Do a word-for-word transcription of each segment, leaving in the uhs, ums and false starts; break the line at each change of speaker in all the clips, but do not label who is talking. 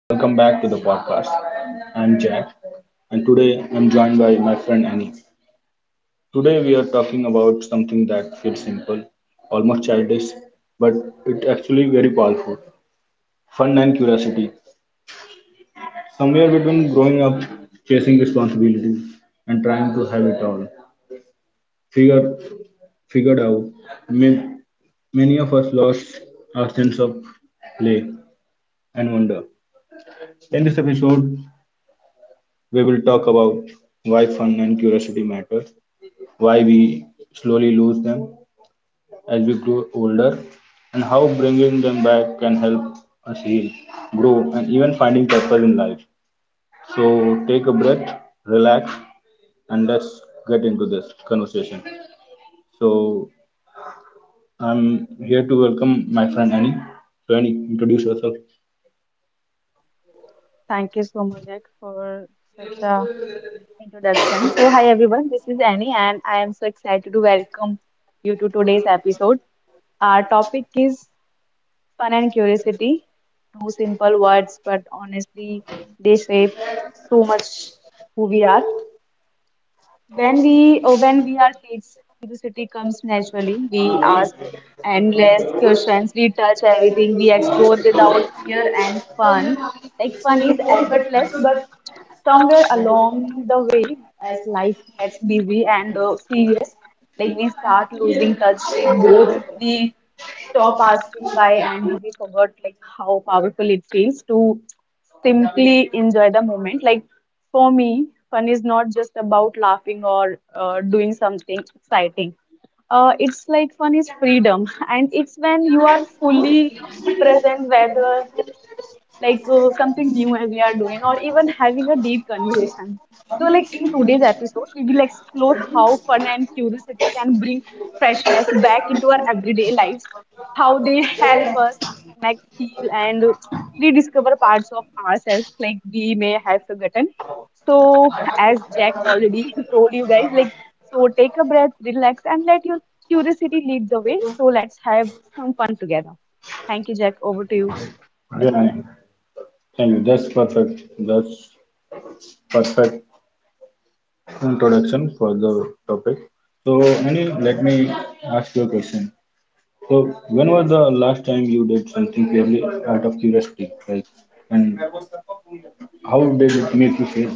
welcome back to the podcast. I'm Jack, and today I'm joined by my friend Annie. Today we are talking about something that feels simple, almost childish, but it actually very powerful fun and curiosity. Somewhere between growing up, chasing responsibilities, and trying to have it all figure, figured out, may, many of us lost our sense of play and wonder. In this episode, we will talk about why fun and curiosity matter, why we slowly lose them as we grow older, and how bringing them back can help us heal, grow, and even finding purpose in life. So take a breath, relax, and let's get into this conversation. So I'm here to welcome my friend Annie. So Annie, introduce yourself.
Thank you so much, Jack, for such a introduction. So, hi everyone, this is Annie, and I am so excited to welcome you to today's episode. Our topic is fun and curiosity. Two simple words, but honestly, they shape so much who we are. When we oh, when we are kids, curiosity comes naturally. We ask endless questions. We touch everything. We explore without fear and fun. Like fun is effortless, but somewhere along the way, as life gets busy and uh, serious, like we start losing touch with both. We stop asking why, and we forgot like how powerful it feels to simply enjoy the moment. Like for me, fun is not just about laughing or uh, doing something exciting. Uh, it's like fun is freedom, and it's when you are fully present, whether like uh, something new and we are doing or even having a deep conversation. So like in today's episode, we will explore how fun and curiosity can bring freshness back into our everyday lives, how they help us connect, heal, and rediscover parts of ourselves like we may have forgotten. So as Jack already told you guys, like so take a breath, relax, and let your curiosity lead the way. So let's have some fun together. Thank you, Jack. Over to you.
Yeah, Annie. Thank you. That's perfect. That's perfect introduction for the topic. So, Anil, let me ask you a question. So, when was the last time you did something purely out of curiosity, like, and how did it make you feel?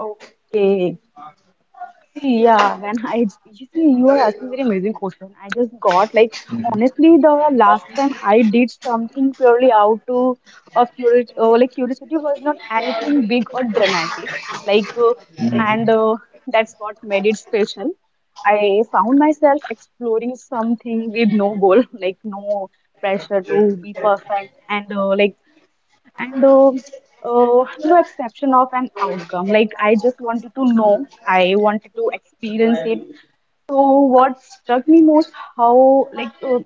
Okay. See, yeah, when I, you see, you are asking very amazing question. I just got like, honestly, the last time I did something purely out to, of curiosity, uh, like curiosity was not anything big or dramatic. Like, uh,
Mhm.
and uh, that's what made it special. I found myself exploring something with no goal, like no pressure to be perfect, and uh, like and uh, uh, no exception of an outcome. Like I just wanted to know, I wanted to experience it. So what struck me most, how like uh,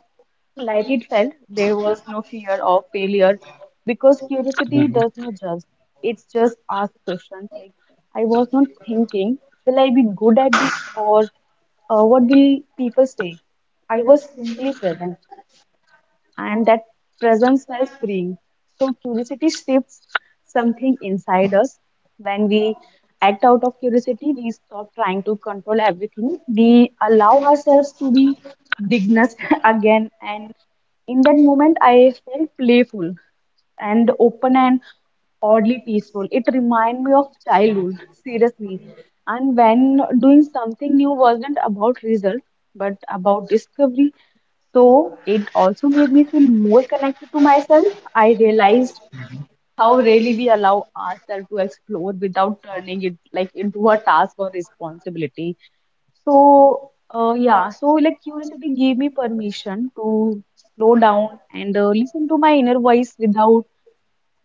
light it felt. There was no fear of failure because curiosity does not judge. It's just ask questions. Like I was not thinking, will I be good at this or uh, what will people say? I was simply present and that presence felt freeing. So curiosity shifts something inside us. When we act out of curiosity, we stop trying to control everything. We allow ourselves to be dignus again. And in that moment, I felt playful and open and oddly peaceful. It reminded me of childhood, seriously. And when doing something new wasn't about results, but about discovery. So it also made me feel more connected to myself. I realized how rarely we allow ourselves to explore without turning it like into a task or responsibility. So uh, yeah, so like curiosity gave me permission to slow down and uh, listen to my inner voice without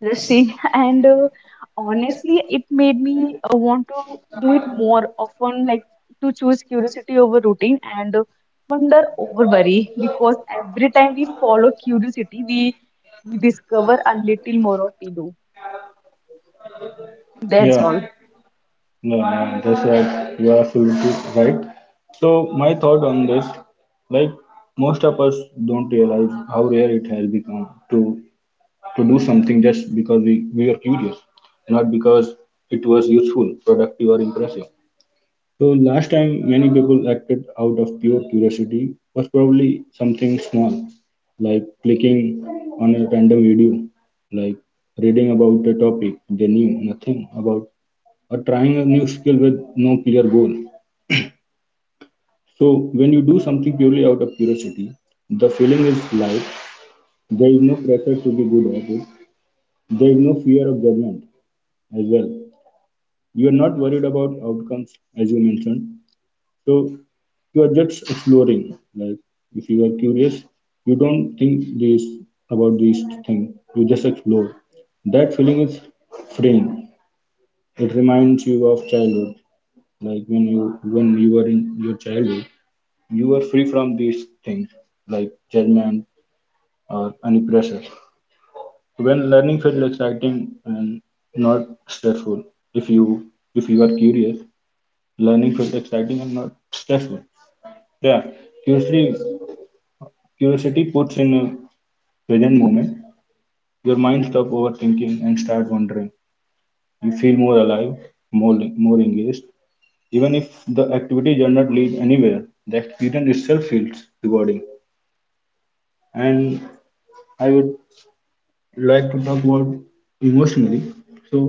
interesting and uh, honestly it made me uh, want to do it more often like to choose curiosity over routine and uh, wonder over worry because every time we follow curiosity we we discover a little more of we do. That's all.
Yeah, no, no, that's right. You are absolutely right. So my thought on this, like most of us don't realize how rare it has become to to do something just because we, we were curious, not because it was useful, productive, or impressive. So, last time many people acted out of pure curiosity was probably something small, like clicking on a random video, like reading about a topic they knew nothing about, or trying a new skill with no clear goal. So, when you do something purely out of curiosity, the feeling is light, there is no pressure to be good at it, there is no fear of judgment as well. You are not worried about outcomes as you mentioned. So you are just exploring. Like if you are curious, you don't think this about this thing. You just explore. That feeling is freeing. It reminds you of childhood. Like when you when you were in your childhood, you were free from these things like judgment or any pressure. When learning feels exciting and not stressful, if you if you are curious, learning feels exciting and not stressful. Yeah, curiosity, curiosity puts in a present moment. Your mind stops overthinking and start wondering. You feel more alive, more more engaged. Even if the activity does not lead anywhere, the experience itself feels rewarding. And I would like to talk about emotionally. So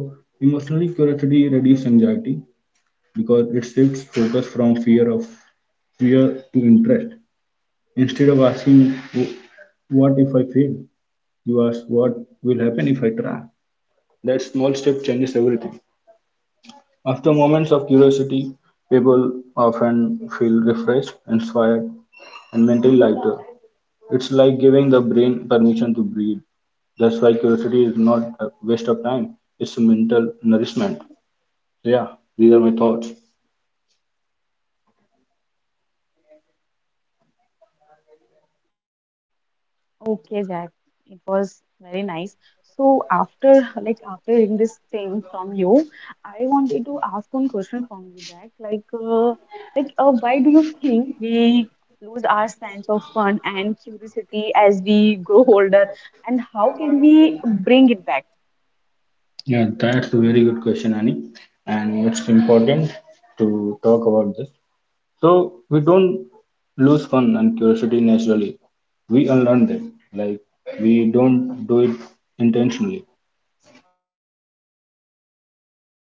emotionally, curiosity reduces anxiety because it shifts focus from fear of fear to interest. Instead of asking, "What if I fail?" you ask, "What will happen if I try?" That small step changes everything. After moments of curiosity, people often feel refreshed, inspired, and mentally lighter. It's like giving the brain permission to breathe. That's why curiosity is not a waste of time, it's a mental nourishment. Yeah, these are my thoughts.
Okay, Jack, it was very nice. So after like after hearing this thing from you, I wanted to ask one question from you, Jack. Like, uh, like uh, why do you think we lose our sense of fun and curiosity as we grow older, and how can we bring it back?
Yeah, that's a very good question, Annie. And it's important to talk about this. So we don't lose fun and curiosity naturally. We unlearn them. Like we don't do it intentionally. We just unlearn them.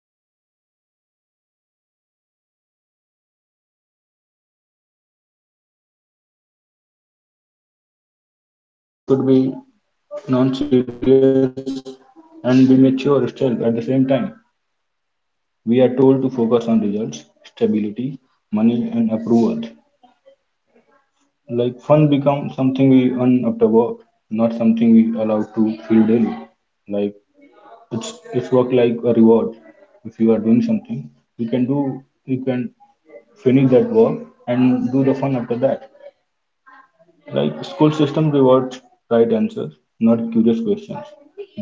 As we grow older, life slowly teaches us that seriousness equals maturity. But it's not. You you could be you could be non serious and be mature still at the same time. We are told to focus on results, stability, money and approval. Like fun becomes something we earn after work, not something we allow to feel daily. Like it's it's work like a reward. If you are doing something, you can do you can finish that work and do the fun after that. Like school system rewards right answers, not curious questions.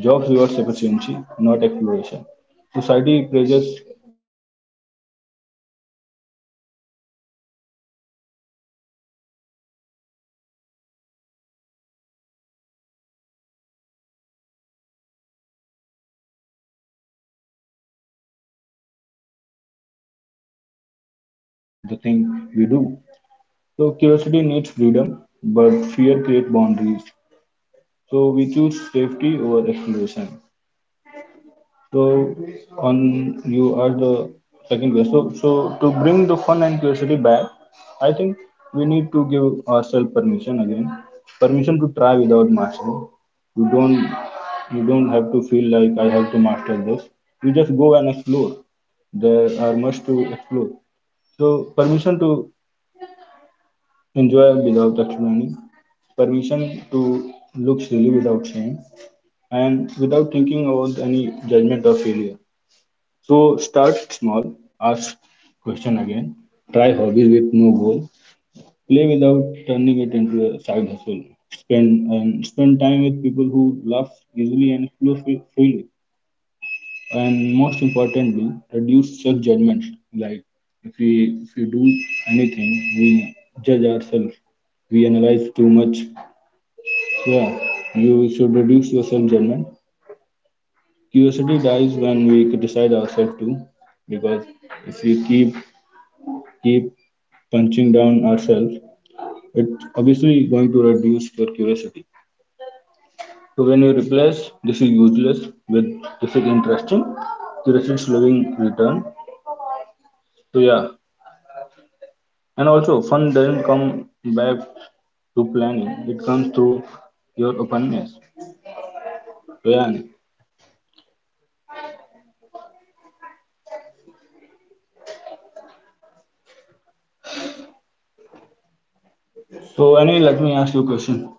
Jobs rewards efficiency, not exploration. Society praises being busy, not being playful. Over time, curiosity starts feeling risky and fun starts feeling unproductive. Also, fear play a role. As adults, we become more aware of failure, judgment, and consequences of the thing we do. So, curiosity needs freedom, but fear creates boundaries. So, we choose safety over exploration. So on you are the second guest. So so to bring the fun and curiosity back, I think we need to give ourselves permission again. Permission to try without mastering. You don't you don't have to feel like I have to master this. You just go and explore. There are much to explore. So permission to enjoy without explaining, permission to look silly without shame, and without thinking about any judgment or failure. So start small, ask question again, try hobbies with no goal, play without turning it into a side hustle. Spend and spend time with people who laugh easily and explore free- freely. And most importantly, reduce self judgment. Like if we if we do anything, we judge ourselves. We analyze too much. So yeah, you should reduce your self judgment. Curiosity dies when we criticize ourselves too because if we keep keep punching down ourselves, it's obviously going to reduce your curiosity. So when you replace "this is useless" with "this is interesting," curiosity slowing return. So yeah, and also fun doesn't come back to planning; it comes through your openness. So yeah. Ani. So Annie, let me ask you a question.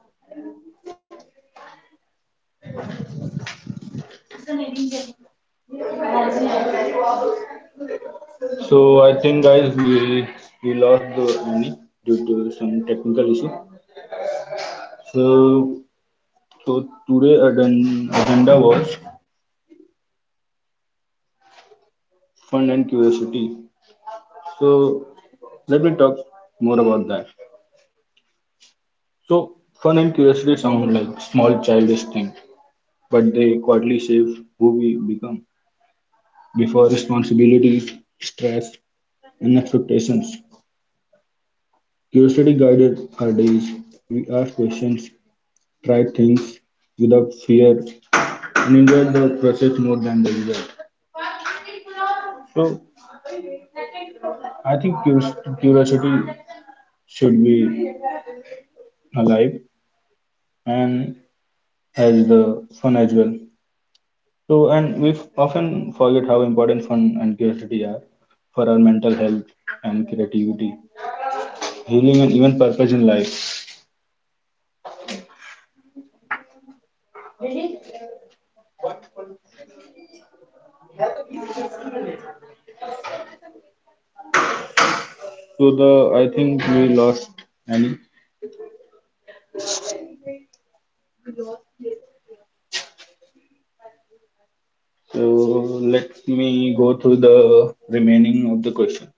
So I think guys we we lost the Annie due to some technical issue. So so today agenda agenda was fun and curiosity. So let me talk more about that. So fun and curiosity sound like small childish thing, but they quietly shape who we become. Before responsibilities, stress, and expectations, curiosity guided our days. We asked questions, tried things without fear, and enjoyed the process more than the result. So I think curios- curiosity should be alive and as the fun as well. So and we f- often forget how important fun and curiosity are for our mental health and creativity, healing and even purpose in life. So the I think we lost any. So let me go through the remaining of the question.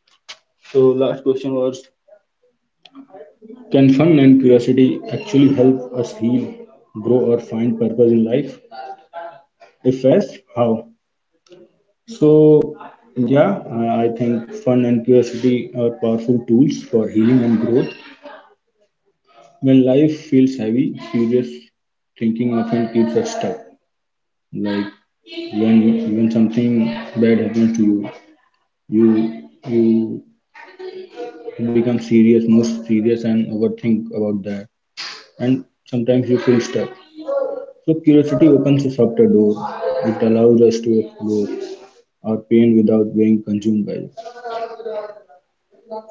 So last question was, can fun and curiosity actually help us heal, grow, or find purpose in life? If yes, how? So, yeah, I I think fun and curiosity are powerful tools for healing and growth. When life feels heavy, serious thinking often keeps us stuck. Like when when something bad happens to you, you you become serious, more serious, and overthink about that, and sometimes you feel stuck. So curiosity opens a softer door. It allows us to explore our pain without being consumed by it.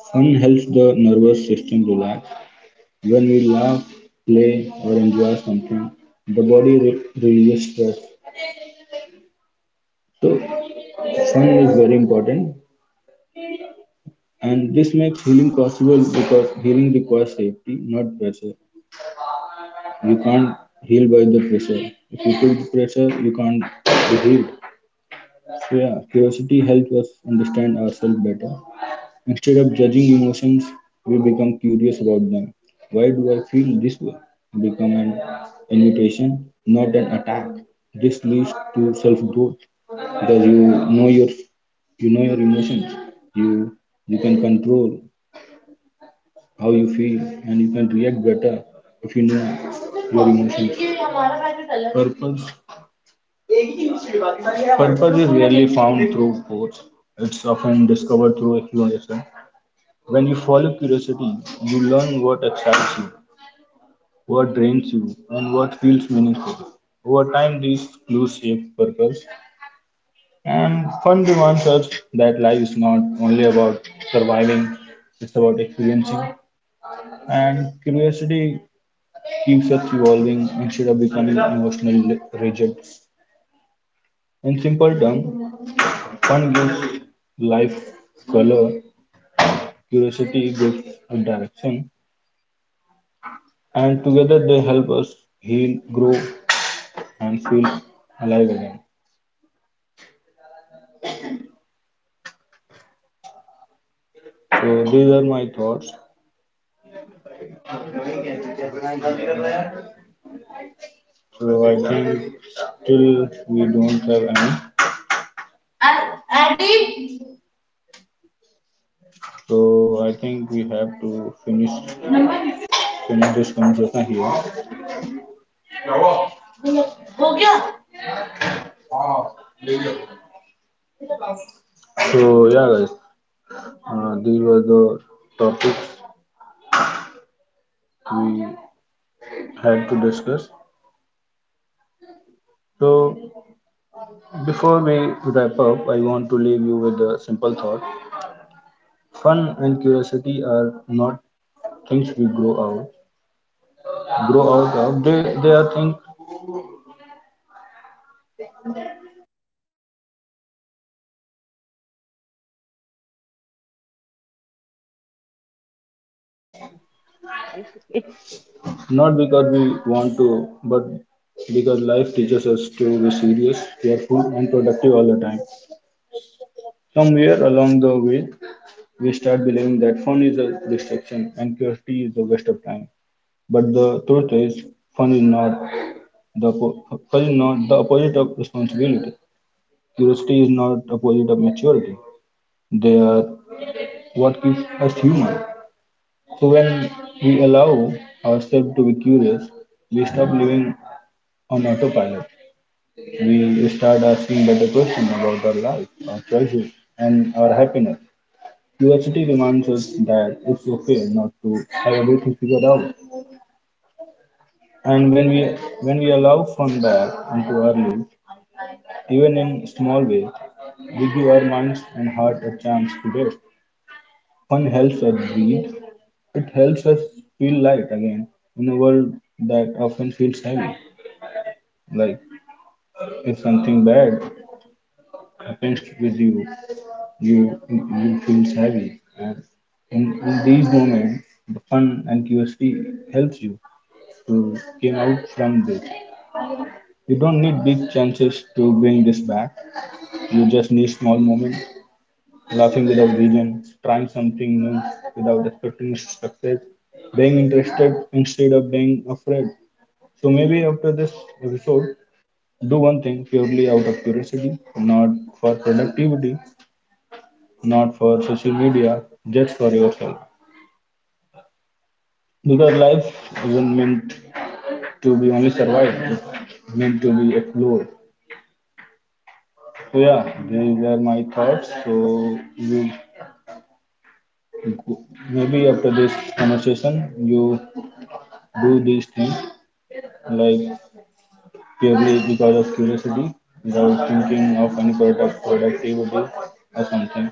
Fun helps the nervous system relax. When we laugh, play, or enjoy something, the body re- releases stress. So fun is very important, and this makes healing possible because healing requires safety, not pressure. You can't heal by the pressure. If you put pressure, you can't be healed. So yeah, curiosity helps us understand ourselves better. Instead of judging emotions, we become curious about them. "Why do I feel this way?" Become an invitation, not an attack. This leads to self-growth because you know your you know your emotions. You you can control how you feel and you can react better if you know your emotions. Purpose Purpose is rarely found through force, it's often discovered through exploration. When you follow curiosity, you learn what excites you, what drains you, and what feels meaningful. Over time, these clues shape purpose, and fun reminds us that life is not only about surviving, it's about experiencing. And curiosity keeps us evolving instead of becoming emotionally rigid. In simple terms, fun gives life color. Curiosity gives direction, and together they help us heal, grow, and feel alive again. So these are my thoughts. So I think still we don't have any. So I think we have to finish finish this conversation here. So yeah, guys, uh, these were the topics we had to discuss. So before we wrap up, I want to leave you with a simple thought. Fun and curiosity are not things we grow out grow out of. They they are things not because we want to, but because life teaches us to be serious, careful and productive all the time. Somewhere along the way we start believing that fun is a distraction and curiosity is a waste of time. But the truth is, fun is not the oppo- fun is not the opposite of responsibility. Curiosity is not opposite of maturity. They are what keeps us human. So when we allow ourselves to be curious, we stop living on autopilot. We start asking better questions about our life, our choices, and our happiness. Curiosity reminds us that it's okay not to have everything figured out. And when we when we allow fun back into our lives, even in small ways, we give our minds and heart a chance to rest. Fun helps us breathe. It helps us feel light again in a world that often feels heavy. Like if something bad happens with you, you you feels heavy. And in, in these moments, the fun and curiosity helps you to came out from this. You don't need big chances to bring this back. You just need small moments laughing without reason, trying something new without expecting success, being interested instead of being afraid. So maybe after this episode, do one thing purely out of curiosity, not for productivity, not for social media, just for yourself. Because life isn't meant to be only survived, it's meant to be explored. So yeah, these are my thoughts. So you maybe after this conversation, you do these things like purely because of curiosity without thinking of any product productivity or something.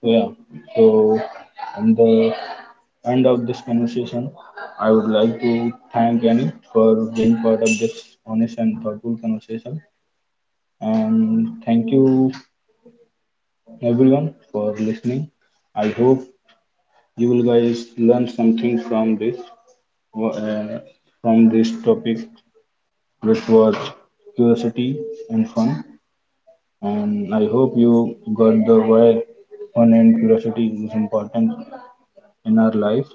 So yeah, so on the end of this conversation, I would like to thank Annie for being part of this honest and thoughtful conversation. And thank you everyone for listening. I hope you will guys learn something from this uh, from this topic, which was curiosity and fun, and I hope you got the why fun and curiosity is important in our life.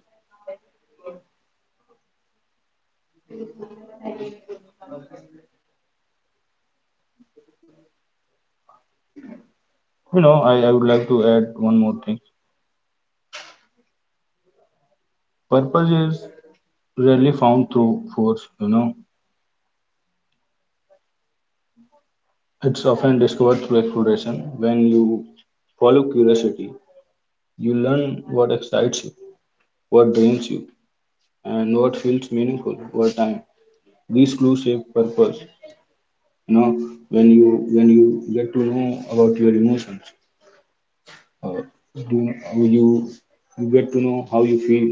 You know, I, I would like to add one more thing. Purpose is rarely found through force, you know, it's often discovered through exploration. When you follow curiosity, you learn what excites you, what drains you, and what feels meaningful over time. These clues shape purpose, you know, when you when you get to know about your emotions, uh, do uh, you you get to know how you feel,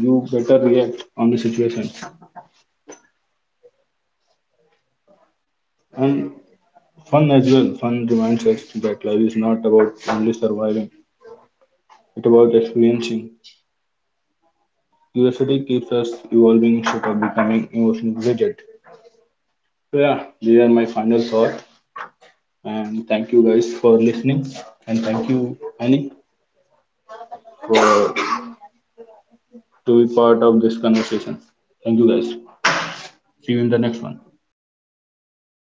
you better react on the situation. And fun as well, fun reminds us that life is not about only surviving, it's about experiencing. Curiosity keeps us evolving instead of becoming emotionally rigid. So yeah, these are my final thoughts, and thank you guys for listening, and thank you, Annie, for to be part of this conversation. Thank you guys. See you in the next one.